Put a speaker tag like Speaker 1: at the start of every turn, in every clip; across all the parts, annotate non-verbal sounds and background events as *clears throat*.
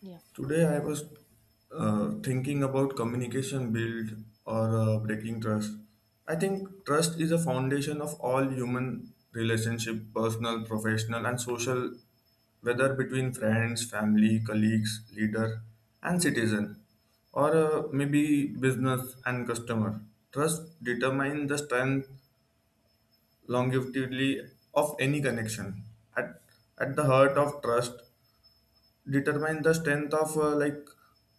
Speaker 1: Yeah,
Speaker 2: Today I was thinking about communication build or breaking trust. I think trust is a foundation of all human relationship, personal, professional, and social, whether between friends, family, colleagues, leader, and citizen, or maybe business and customer. Trust determines the strength, longevity of any connection. At, at the heart of trust determine the strength of uh, like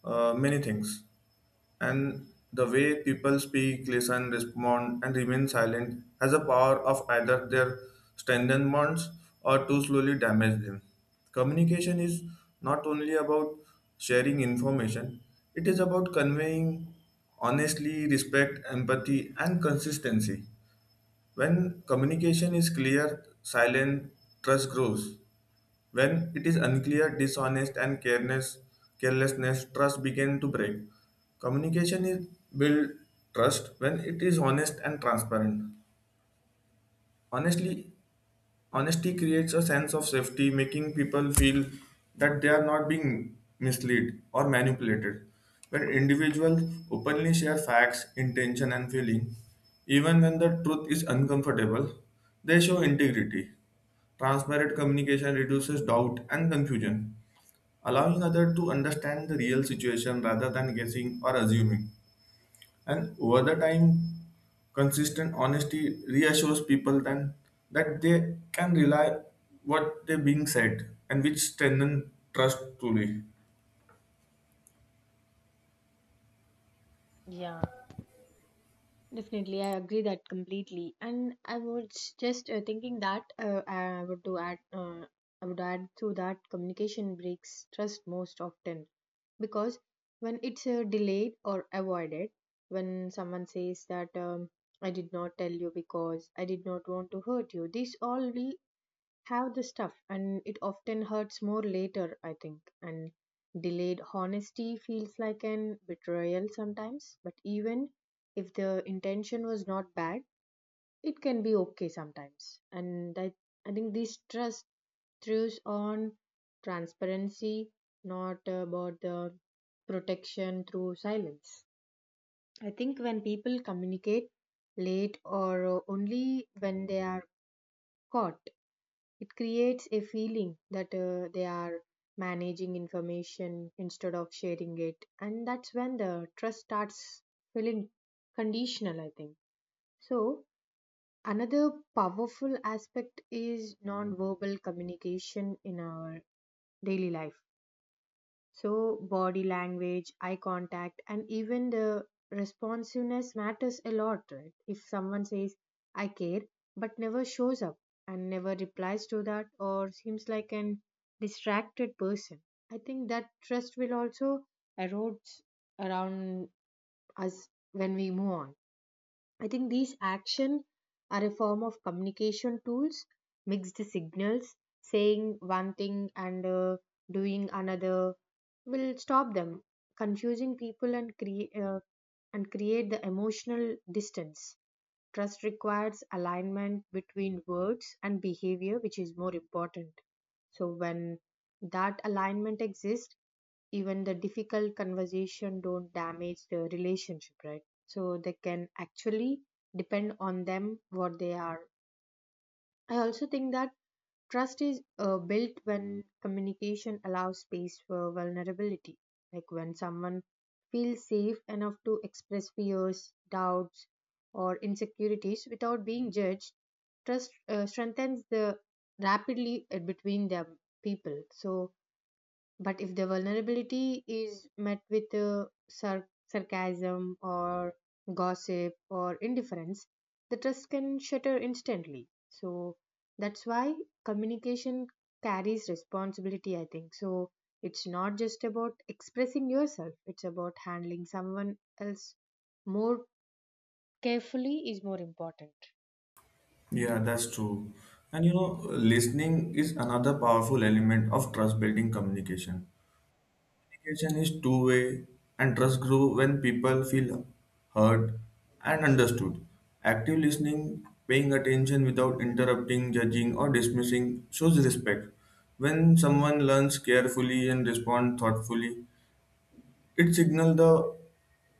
Speaker 2: uh, many things and the way people speak listen respond and remain silent has a power of either their strengthen bonds or to slowly damage them. Communication is not only about sharing information, it is about conveying honestly respect empathy and consistency. When communication is clear silent, trust grows. When it is unclear, dishonest, and carelessness, trust begin to break. Communication is build trust when it is honest and transparent. Honestly, honesty creates a sense of safety, making people feel that they are not being misled or manipulated. When individuals openly share facts, intention, and feeling, even when the truth is uncomfortable, they show integrity. Transparent communication reduces doubt and confusion allowing others to understand the real situation rather than guessing or assuming. And over the time, consistent honesty reassures people then that they can rely what they are being said and which strengthen trust truly.
Speaker 1: yeah, definitely. I agree that completely. And I was just thinking that I would to I would add to that communication breaks trust most often because when it's delayed or avoided, when someone says that I did not tell you because I did not want to hurt you, this all have the stuff and it often hurts more later I think. And delayed honesty feels like an betrayal sometimes, but even if the intention was not bad, it can be okay sometimes. I think this trust throws on transparency, not about the protection through silence. I think when people communicate late or only when they are caught, it creates a feeling that they are managing information instead of sharing it. And that's when the trust starts feeling conditional, I think. So, another powerful aspect is non-verbal communication in our daily life. So, body language, eye contact, and even the responsiveness matters a lot, right? If someone says, I care, but never shows up and never replies to that, or seems like an distracted person, I think that trust will also erode around us when we move on. I think these actions are a form of communication tools, mixed signals, saying one thing and doing another will stop them, confusing people and and create the emotional distance. Trust requires alignment between words and behavior, which is more important. So, when that alignment exists, even the difficult conversation don't damage the relationship, right? So, they can actually depend on them what they are. I also think that trust is built when communication allows space for vulnerability. Like when someone feels safe enough to express fears, doubts, or insecurities without being judged, trust strengthens the rapidly between them people. So but if the vulnerability is met with sarcasm or gossip or indifference, the trust can shatter instantly. So that's why communication carries responsibility, I think. So it's not just about expressing yourself, it's about handling someone else more carefully, is more important.
Speaker 2: Yeah, that's true. And you know, listening is another powerful element of trust building communication. Communication is two-way, and trust grows when people feel heard and understood. Active listening, paying attention without interrupting, judging, or dismissing, shows respect. When someone learns carefully and responds thoughtfully, it signals the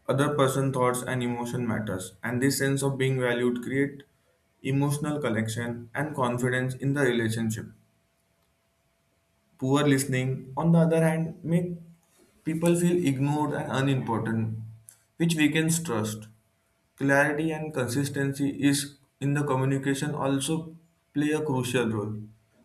Speaker 2: other person thoughts and emotion matters. And this sense of being valued create emotional connection and confidence in the relationship. Poor listening, on the other hand, make people feel ignored and unimportant, which weakens trust. Clarity and consistency is in the communication also play a crucial role.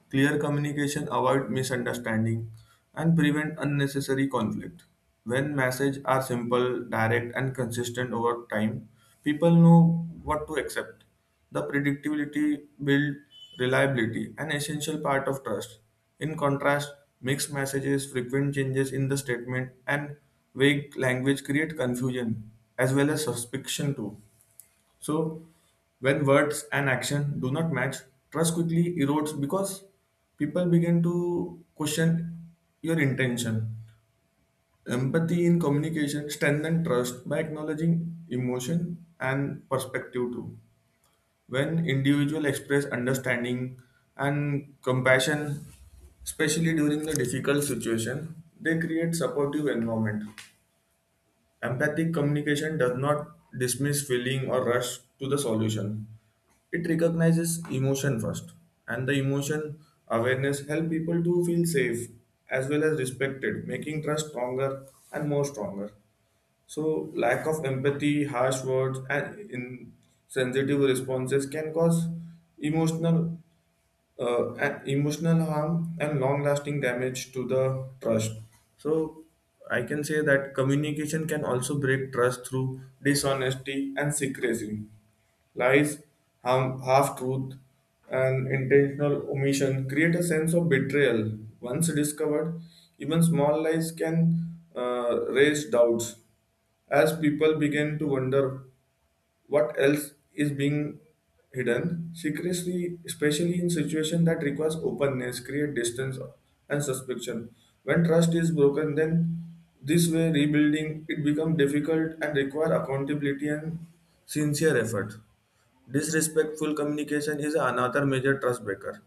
Speaker 2: Clear communication avoid misunderstanding and prevent unnecessary conflict. When messages are simple, direct and consistent over time, people know what to accept. The predictability built reliability, an essential part of trust. In contrast, mixed messages, frequent changes in the statement, and vague language create confusion as well as suspicion too. So, when words and action do not match, trust quickly erodes because people begin to question your intention. Empathy in communication strengthens trust by acknowledging emotion and perspective too. When individuals express understanding and compassion, especially during the difficult situation, they create supportive environment. Empathic communication does not dismiss feeling or rush to the solution. It recognizes emotion first, and the emotion awareness help people to feel safe as well as respected, making trust stronger and more stronger. So, lack of empathy, harsh words, and insensitive responses can cause emotional emotional harm and long lasting damage to the trust. So, I can say that communication can also break trust through dishonesty and secrecy. Lies, harm, half truth, and intentional omission create a sense of betrayal. Once discovered, even small lies can raise doubts as people begin to wonder what else is being hidden. Secrecy especially in situations that requires openness create distance and suspicion. When trust is broken then this way rebuilding it becomes difficult and require accountability and sincere effort. Disrespectful communication is another major trust breaker.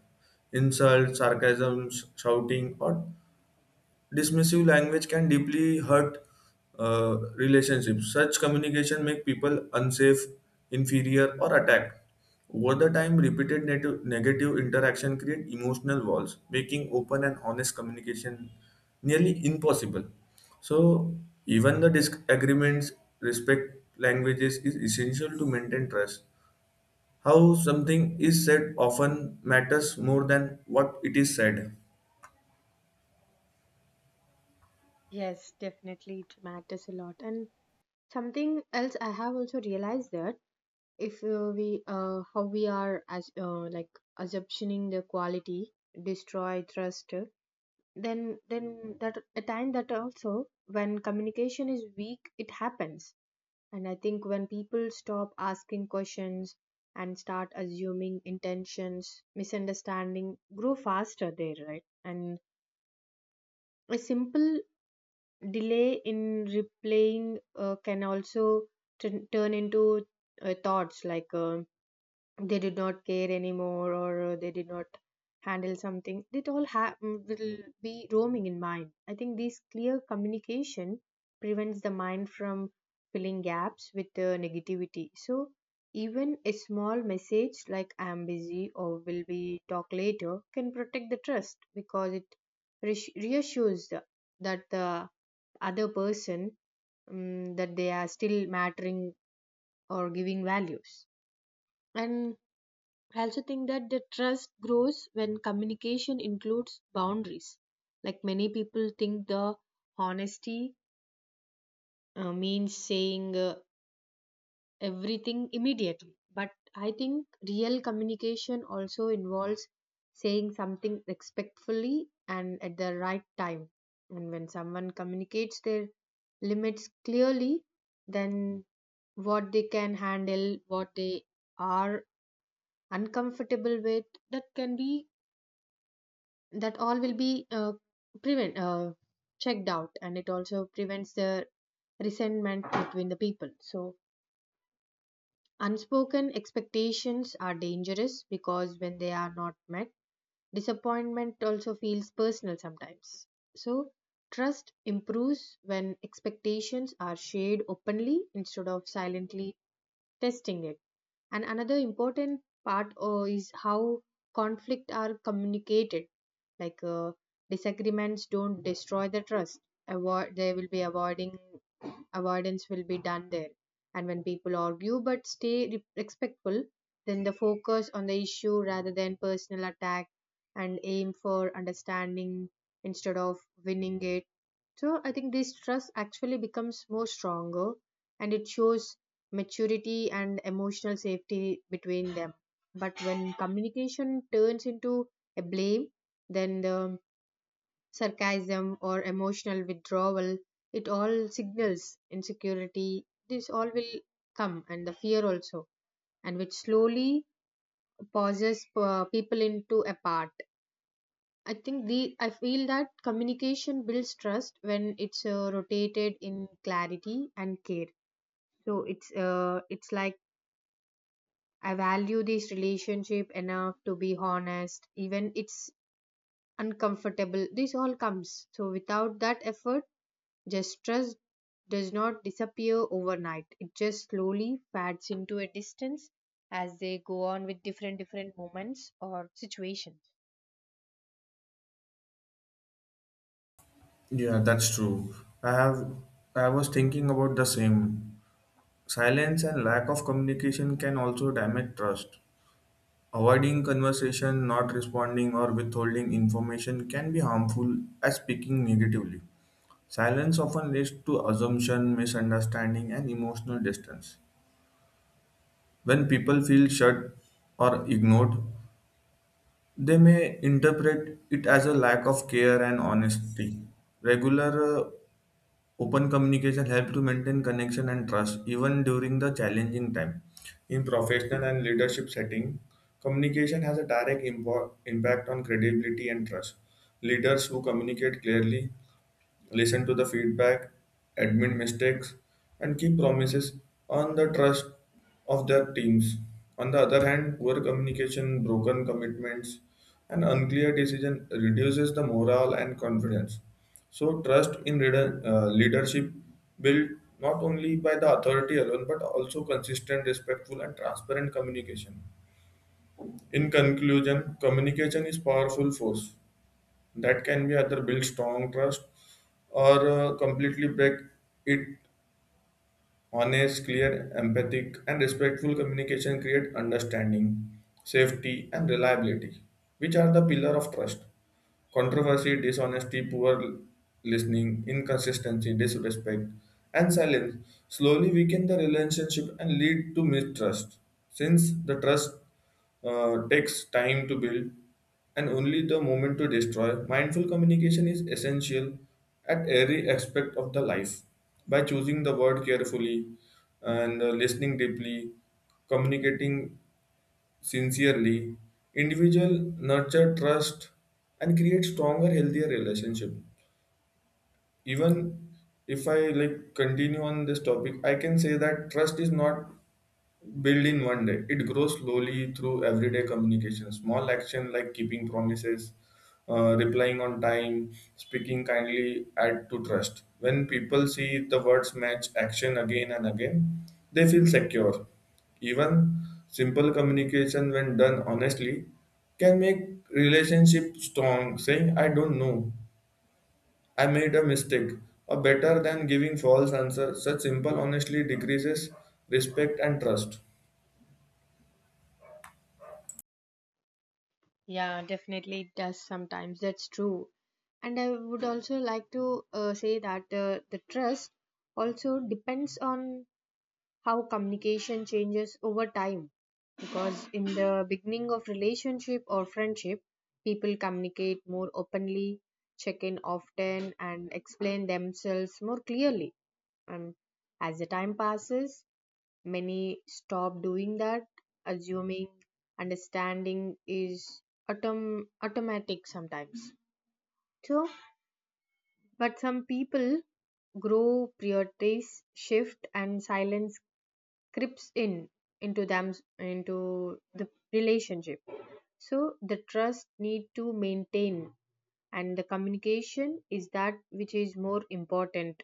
Speaker 2: Insults sarcasms shouting or dismissive language can deeply hurt relationships. Such communication make people unsafe, inferior, or attacked. Over the time, negative interaction create emotional walls, making open and honest communication nearly impossible. So, even the disagreements, respect languages is essential to maintain trust. How something is said often matters more than what it is said.
Speaker 1: Yes, definitely, it matters a lot. And something else I have also realized that if we how we are as like assumptioning the quality destroy trust then that a time that also when communication is weak it happens. And I think when people stop asking questions and start assuming intentions, misunderstanding grow faster there, right? And a simple delay in replaying can also turn into thoughts like they did not care anymore, or they did not handle something, it all will be roaming in mind. I think this clear communication prevents the mind from filling gaps with negativity. So even a small message like I am busy or will be talk later can protect the trust because it reassures that the other person, that they are still mattering or giving values. And I also think that the trust grows when communication includes boundaries. Like many people think the honesty means saying everything immediately. But I think real communication also involves saying something respectfully and at the right time. And when someone communicates their limits clearly, then what they can handle, what they are uncomfortable with, that can be that all will be prevent checked out, and it also prevents the resentment between the people. So unspoken expectations are dangerous because when they are not met, disappointment also feels personal sometimes. So trust improves when expectations are shared openly instead of silently testing it. And another important part is how conflict are communicated, like disagreements don't destroy the trust, avoid they will be avoiding avoidance will be done there. And when people argue but stay respectful, then the focus on the issue rather than personal attack, and aim for understanding instead of winning it, so I think this trust actually becomes more stronger, and it shows maturity and emotional safety between them. But when communication turns into a blame, then the sarcasm or emotional withdrawal, it all signals insecurity. This all will come, and the fear also, and which slowly pauses people into apart. I think the I feel that communication builds trust when it's rotated in clarity and care. So it's like I value this relationship enough to be honest, even it's uncomfortable. This all comes. So without that effort, just trust does not disappear overnight. It just slowly fades into a distance as they go on with different different moments or situations.
Speaker 2: Yeah, that's true. I have I was thinking about the same. Silence and lack of communication can also damage trust. Avoiding conversation, not responding or withholding information can be harmful as speaking negatively. Silence often leads to assumption, misunderstanding and emotional distance. When people feel shut or ignored, they may interpret it as a lack of care and honesty. Regular Open communication helps to maintain connection and trust even during the challenging time. In professional and leadership setting, communication has a direct impact on credibility and trust. Leaders who communicate clearly, listen to the feedback, admit mistakes, and keep promises on the trust of their teams. On the other hand, poor communication, broken commitments, and unclear decision reduces the morale and confidence. So, trust in leadership built not only by the authority alone but also consistent, respectful, and transparent communication. In conclusion, communication is powerful force that can be either build strong trust or completely break it. Honest clear empathic and respectful communication create understanding safety and reliability which are the pillar of trust. Controversy, dishonesty, poor listening, inconsistency, disrespect, and silence slowly weaken the relationship and lead to mistrust. Since the trust takes time to build and only the moment to destroy, mindful communication is essential at every aspect of the life. By choosing the word carefully and listening deeply, communicating sincerely individual nurture trust and create stronger healthier relationship. Even if I like continue on this topic I can say that trust is not build in one day. It grows slowly through everyday communication, small action like keeping promises, replying on time, speaking kindly, add to trust. When people see the words match action again and again, they feel secure. Even simple communication, when done honestly, can make relationship strong. Saying "I don't know," "I made a mistake," or better than giving false answer. Such simple honestly decreases respect and trust.
Speaker 1: Yeah, definitely it does sometimes. That's true. And I would also like to say that the trust also depends on how communication changes over time, because in the beginning of relationship or friendship people communicate more openly, check in often, and explain themselves more clearly. And as the time passes, many stop doing that, assuming understanding is automatic sometimes. So but some people grow, priorities shift, and silence creeps in into them, into the relationship. So the trust need to maintain, and the communication is that which is more important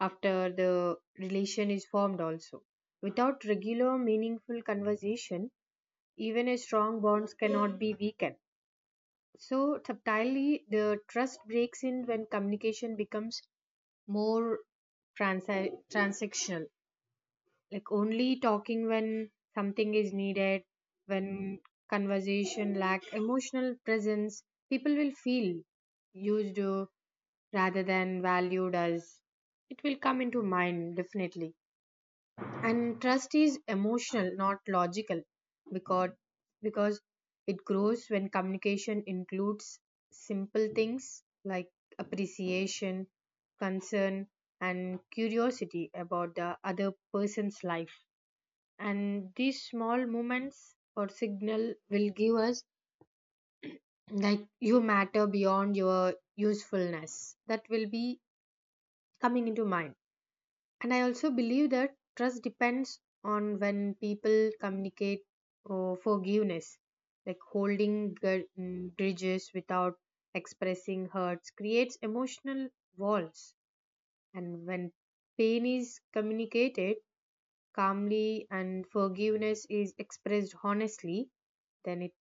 Speaker 1: after the relation is formed also. Without regular meaningful conversation, even a strong bonds cannot be weakened. So subtly the trust breaks in when communication becomes more transactional, like only talking when something is needed. When conversation lack emotional presence, people will feel used, rather than valued, as it will come into mind definitely. And trust is emotional, not logical, because because it grows when communication includes simple things like appreciation, concern, and curiosity about the other person's life. And these small moments or signal will give us like you matter beyond your usefulness, that will be coming into mind. And I also believe that trust depends on when people communicate or forgiveness, like holding grudges without expressing hurts creates emotional walls. And when pain is communicated calmly and forgiveness is expressed honestly, then it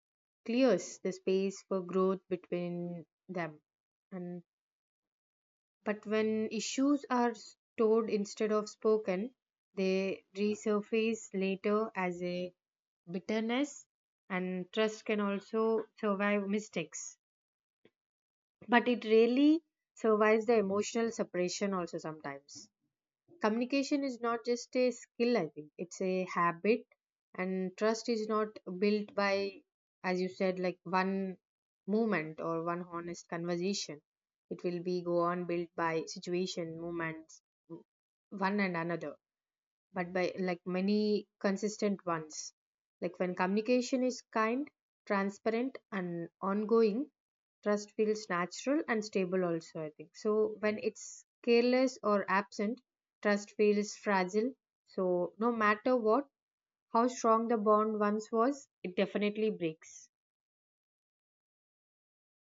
Speaker 1: clears the space for growth between them. And but when issues are stored instead of spoken, they resurface later as a bitterness. And trust can also survive mistakes, but it really survives the emotional separation also sometimes. Communication is not just a skill, I think it's a habit. And trust is not built by, as you said, like one moment or one honest conversation, it will be go on built by situation moments one and another, but by like many consistent ones. Like when communication is kind, transparent, and ongoing, trust feels natural and stable, also, I think. So when it's careless or absent, trust feels fragile. So no matter what, how strong the bond once was, it definitely breaks.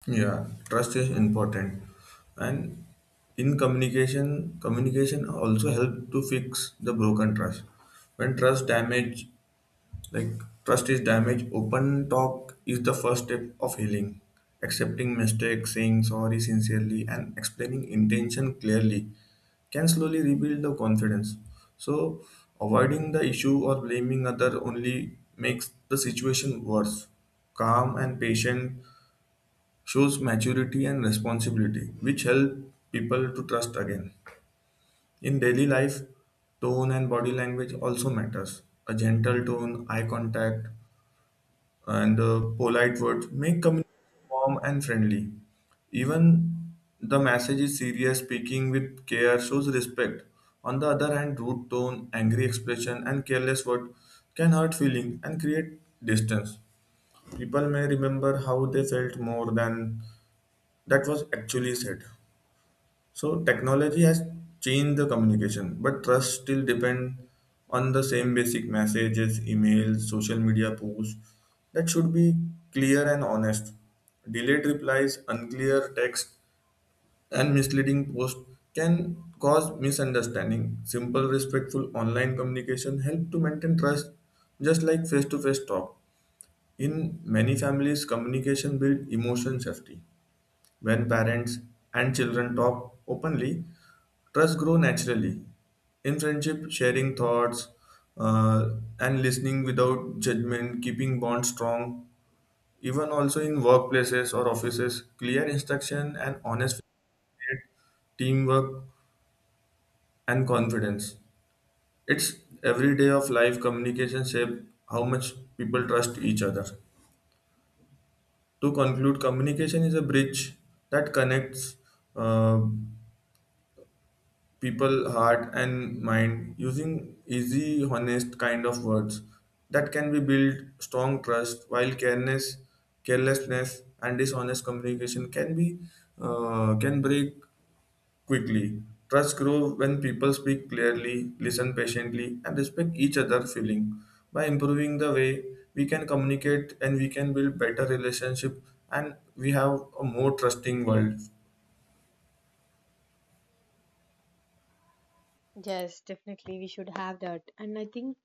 Speaker 2: Yeah, trust is important, and in communication, communication also help to fix the broken trust. When trust damage, like trust is damaged, open talk is the first step of healing. Accepting mistakes, saying sorry sincerely, and explaining intention clearly can slowly rebuild the confidence. So, avoiding the issue or blaming other only makes the situation worse. Calm and patient shows maturity and responsibility, which help people to trust again. In daily life, tone and body language also matters. A gentle tone, eye contact, and polite words make communication warm and friendly. Even the message is serious, speaking with care shows respect. On the other hand, rude tone, angry expression, and careless word can hurt feeling and create distance. People may remember how they felt more than that was actually said. So technology has changed the communication, but trust still depend on the same basic messages, emails, social media posts that should be clear and honest. Delayed replies, unclear text, and misleading posts can cause misunderstanding. Simple, respectful online communication help to maintain trust, just like face-to-face talk. In many families, communication builds emotion safety. When parents and children talk openly, trust grow naturally in friendship, sharing thoughts uh, and listening without judgment, keeping bonds strong. Even also in workplaces or offices, clear instruction and honest feedback, teamwork and confidence. It's every day of life communication shape how much people trust each other. To conclude, communication is a bridge that connects. Uh, people heart and mind using easy honest kind of words that can be build strong trust while carelessness and dishonest communication can be can break quickly. Trust grows when people speak clearly listen patiently and respect each other feeling. By improving the way we can communicate and we can build better relationship and we have a more trusting world.
Speaker 1: Yes, definitely. We should have that. And I think,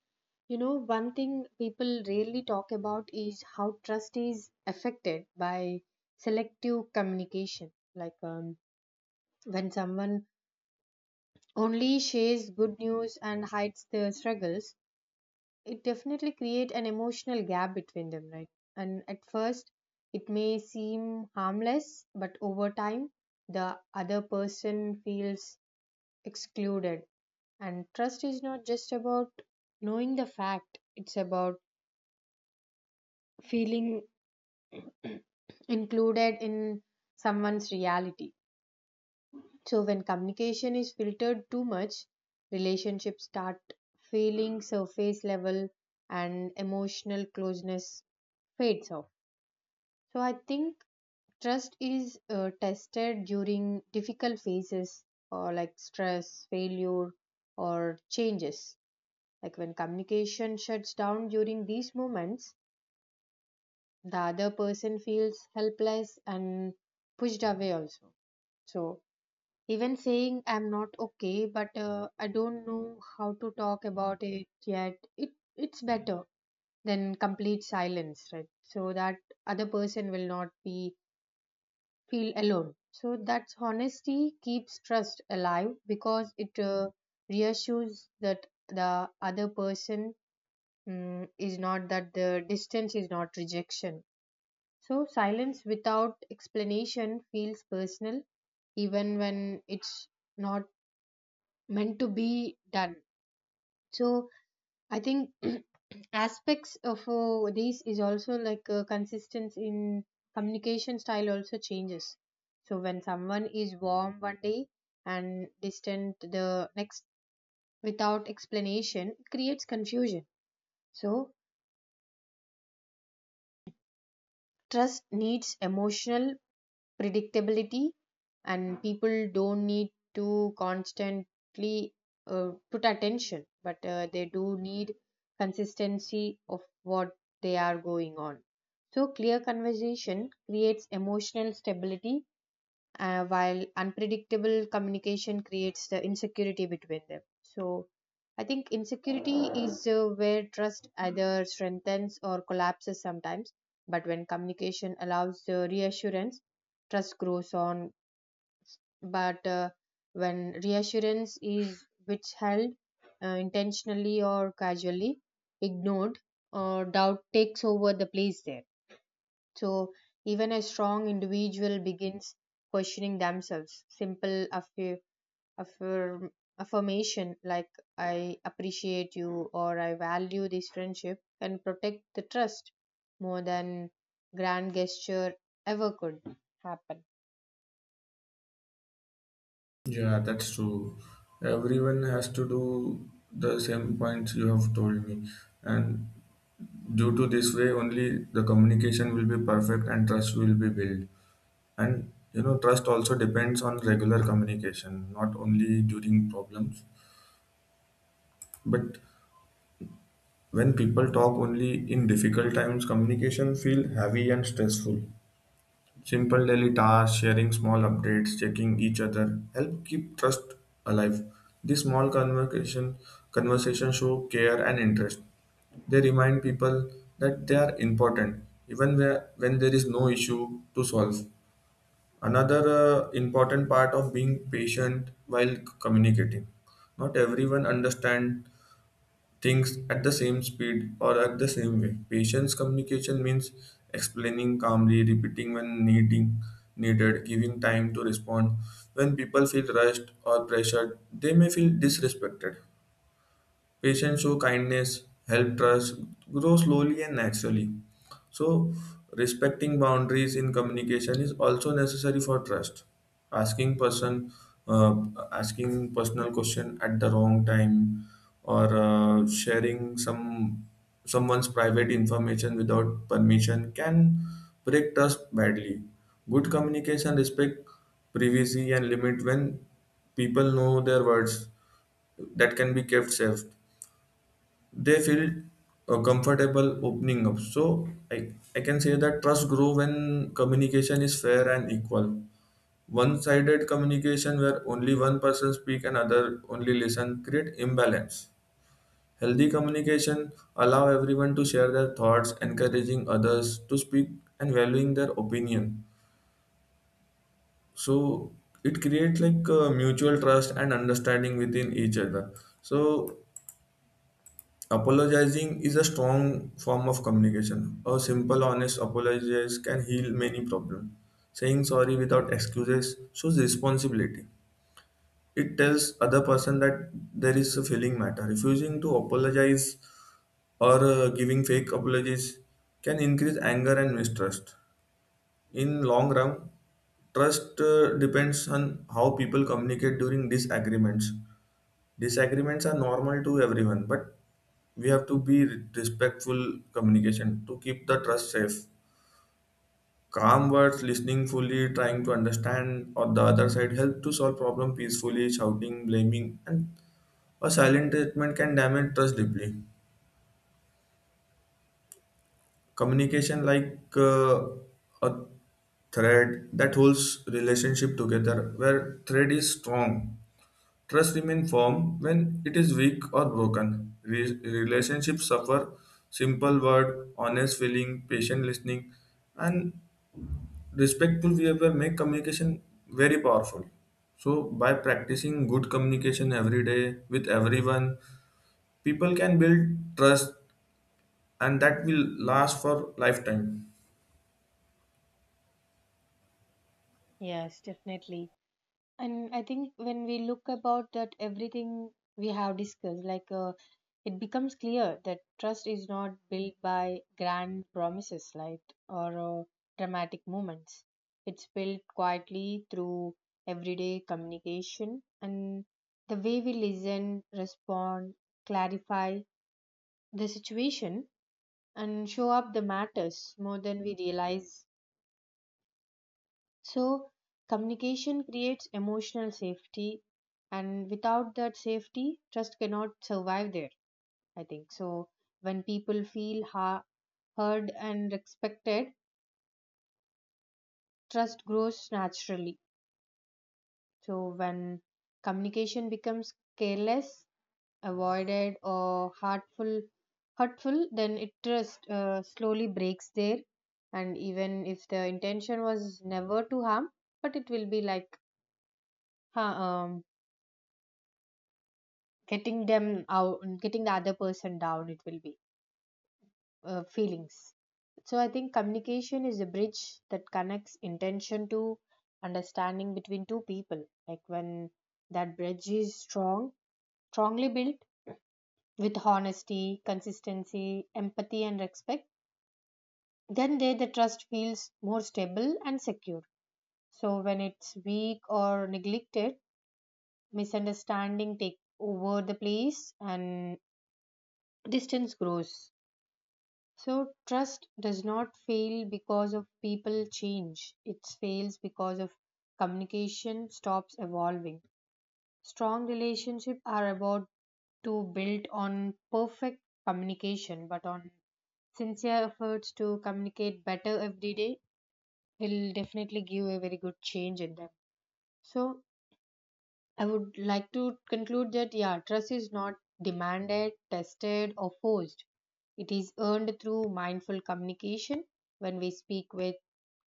Speaker 1: you know, one thing people rarely talk about is how trust is affected by selective communication. Like when someone only shares good news and hides their struggles, it definitely creates an emotional gap between them, right? And at first, it may seem harmless, but over time, the other person feels excluded. And trust is not just about knowing the fact, it's about feeling included in someone's reality. So, when communication is filtered too much, relationships start feeling surface level, and emotional closeness fades off. So, I think trust is tested during difficult phases or like stress, failure, or changes. Like when communication shuts down during these moments, the other person feels helpless and pushed away also. So even saying I'm not okay, but I don't know how to talk about it yet, it's better than complete silence, right? So that other person will not be feel alone. So that's honesty keeps trust alive because it reassures that the other person, is not that the distance is not rejection. So, silence without explanation feels personal, even when it's not meant to be done. So, I think *clears throat* aspects of these is also like consistency in communication style also changes. So, when someone is warm one day and distant the next without explanation, it creates confusion. So, trust needs emotional predictability, and people don't need to constantly put attention, but they do need consistency of what they are going on. So clear conversation creates emotional stability, while unpredictable communication creates the insecurity between them. So, I think insecurity is where trust either strengthens or collapses sometimes. But when communication allows the reassurance, trust grows on. But when reassurance is withheld intentionally or casually, ignored, or doubt takes over the place there. So even a strong individual begins questioning themselves. Simple affirm- affirmation like I appreciate you or I value this friendship can protect the trust more than grand gesture ever could happen.
Speaker 2: Yeah, that's true. Everyone has to do the same points you have told me. And due to this way, only the communication will be perfect and trust will be built. And you know, trust also depends on regular communication, not only during problems. But when people talk only in difficult times, communication feel heavy and stressful. Simple daily tasks, sharing small updates, checking each other help keep trust alive. These small conversations show care and interest. They remind people that they are important even where, when there is no issue to solve. Another important part of being patient while communicating. Not everyone understands things at the same speed or at the same way. Patience communication means explaining calmly, repeating needed, giving time to respond. When people feel rushed or pressured, they may feel disrespected. Patients show kindness, help trust grow slowly and naturally. So, respecting boundaries in communication is also necessary for trust. Asking person, uh, Asking personal question at the wrong time, or sharing someone's private information without permission can break trust badly. Good communication respect privacy and limit when people know their words that can be kept safe they feel comfortable opening up. So I can say that trust grow when communication is fair and equal. One-sided communication where only one person speak and other only listen create imbalance. Healthy communication allow everyone to share their thoughts, encouraging others to speak and valuing their opinion. So it creates like mutual trust and understanding within each other. So apologizing is a strong form of communication. A simple, honest apologize can heal many problems. Saying sorry without excuses shows responsibility. It tells other person that there is a feeling matter. Refusing to apologize or giving fake apologies can increase anger and mistrust. In long run, trust depends on how people communicate during disagreements. Disagreements are normal to everyone, but we have to be respectful communication to keep the trust safe. Calm words listening fully trying to understand or the other side help to solve problem peacefully. Shouting blaming and a silent treatment can damage trust deeply. Communication like a thread that holds relationship together where thread is strong trust remain firm. When it is weak or broken, relationships suffer. Simple word honest feeling patient listening and respectful behavior make communication very powerful. So by practicing good communication every day with everyone, people can build trust and that will last for lifetime.
Speaker 1: Yes, definitely. And I think when we look about that everything we have discussed, like it becomes clear that trust is not built by grand promises, like or dramatic moments. It's built quietly through everyday communication, and the way we listen, respond, clarify the situation, and show up the matters more than we realize. So, communication creates emotional safety, and without that safety, trust cannot survive there, I think. So, when people feel heard and respected, trust grows naturally. So, when communication becomes careless, avoided, or hurtful, then it trust slowly breaks there. And even if the intention was never to harm, but it will be like ha- um, getting the other person down, it will be feelings. So I think communication is a bridge that connects intention to understanding between two people. Like when that bridge is strongly built with honesty, consistency, empathy, and respect, then there the trust feels more stable and secure. So when it's weak or neglected, misunderstanding take over the place, and distance grows. So trust does not fail because of people change. It fails because of communication stops evolving. Strong relationships are about to build on perfect communication, but on sincere efforts to communicate better every day will definitely give a very good change in them. So I would like to conclude that yeah, trust is not demanded, tested, or forced. It is earned through mindful communication when we speak with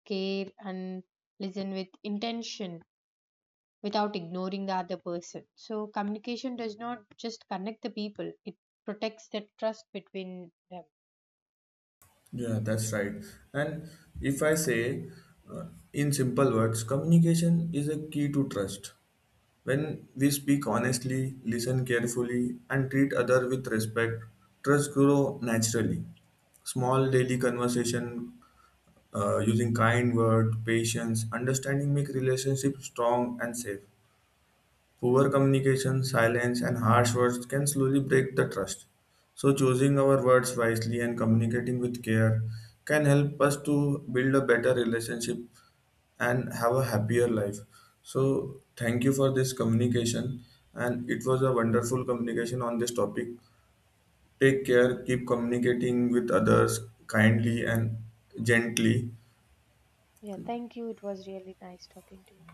Speaker 1: care and listen with intention without ignoring the other person. So, communication does not just connect the people, it protects the trust between them.
Speaker 2: Yeah, that's right. And if I say uh, in simple words communication is a key to trust. When we speak honestly listen carefully and treat other with respect, trust grow naturally. Small daily conversation using kind words, patience, understanding make relationships strong and safe. Poor communication, silence, and harsh words can slowly break the trust. So, choosing our words wisely and communicating with care can help us to build a better relationship and have a happier life. So, thank you for this communication, and it was a wonderful communication on this topic. Take care, keep communicating with others kindly and gently.
Speaker 1: Yeah, thank you. It was really nice talking to you.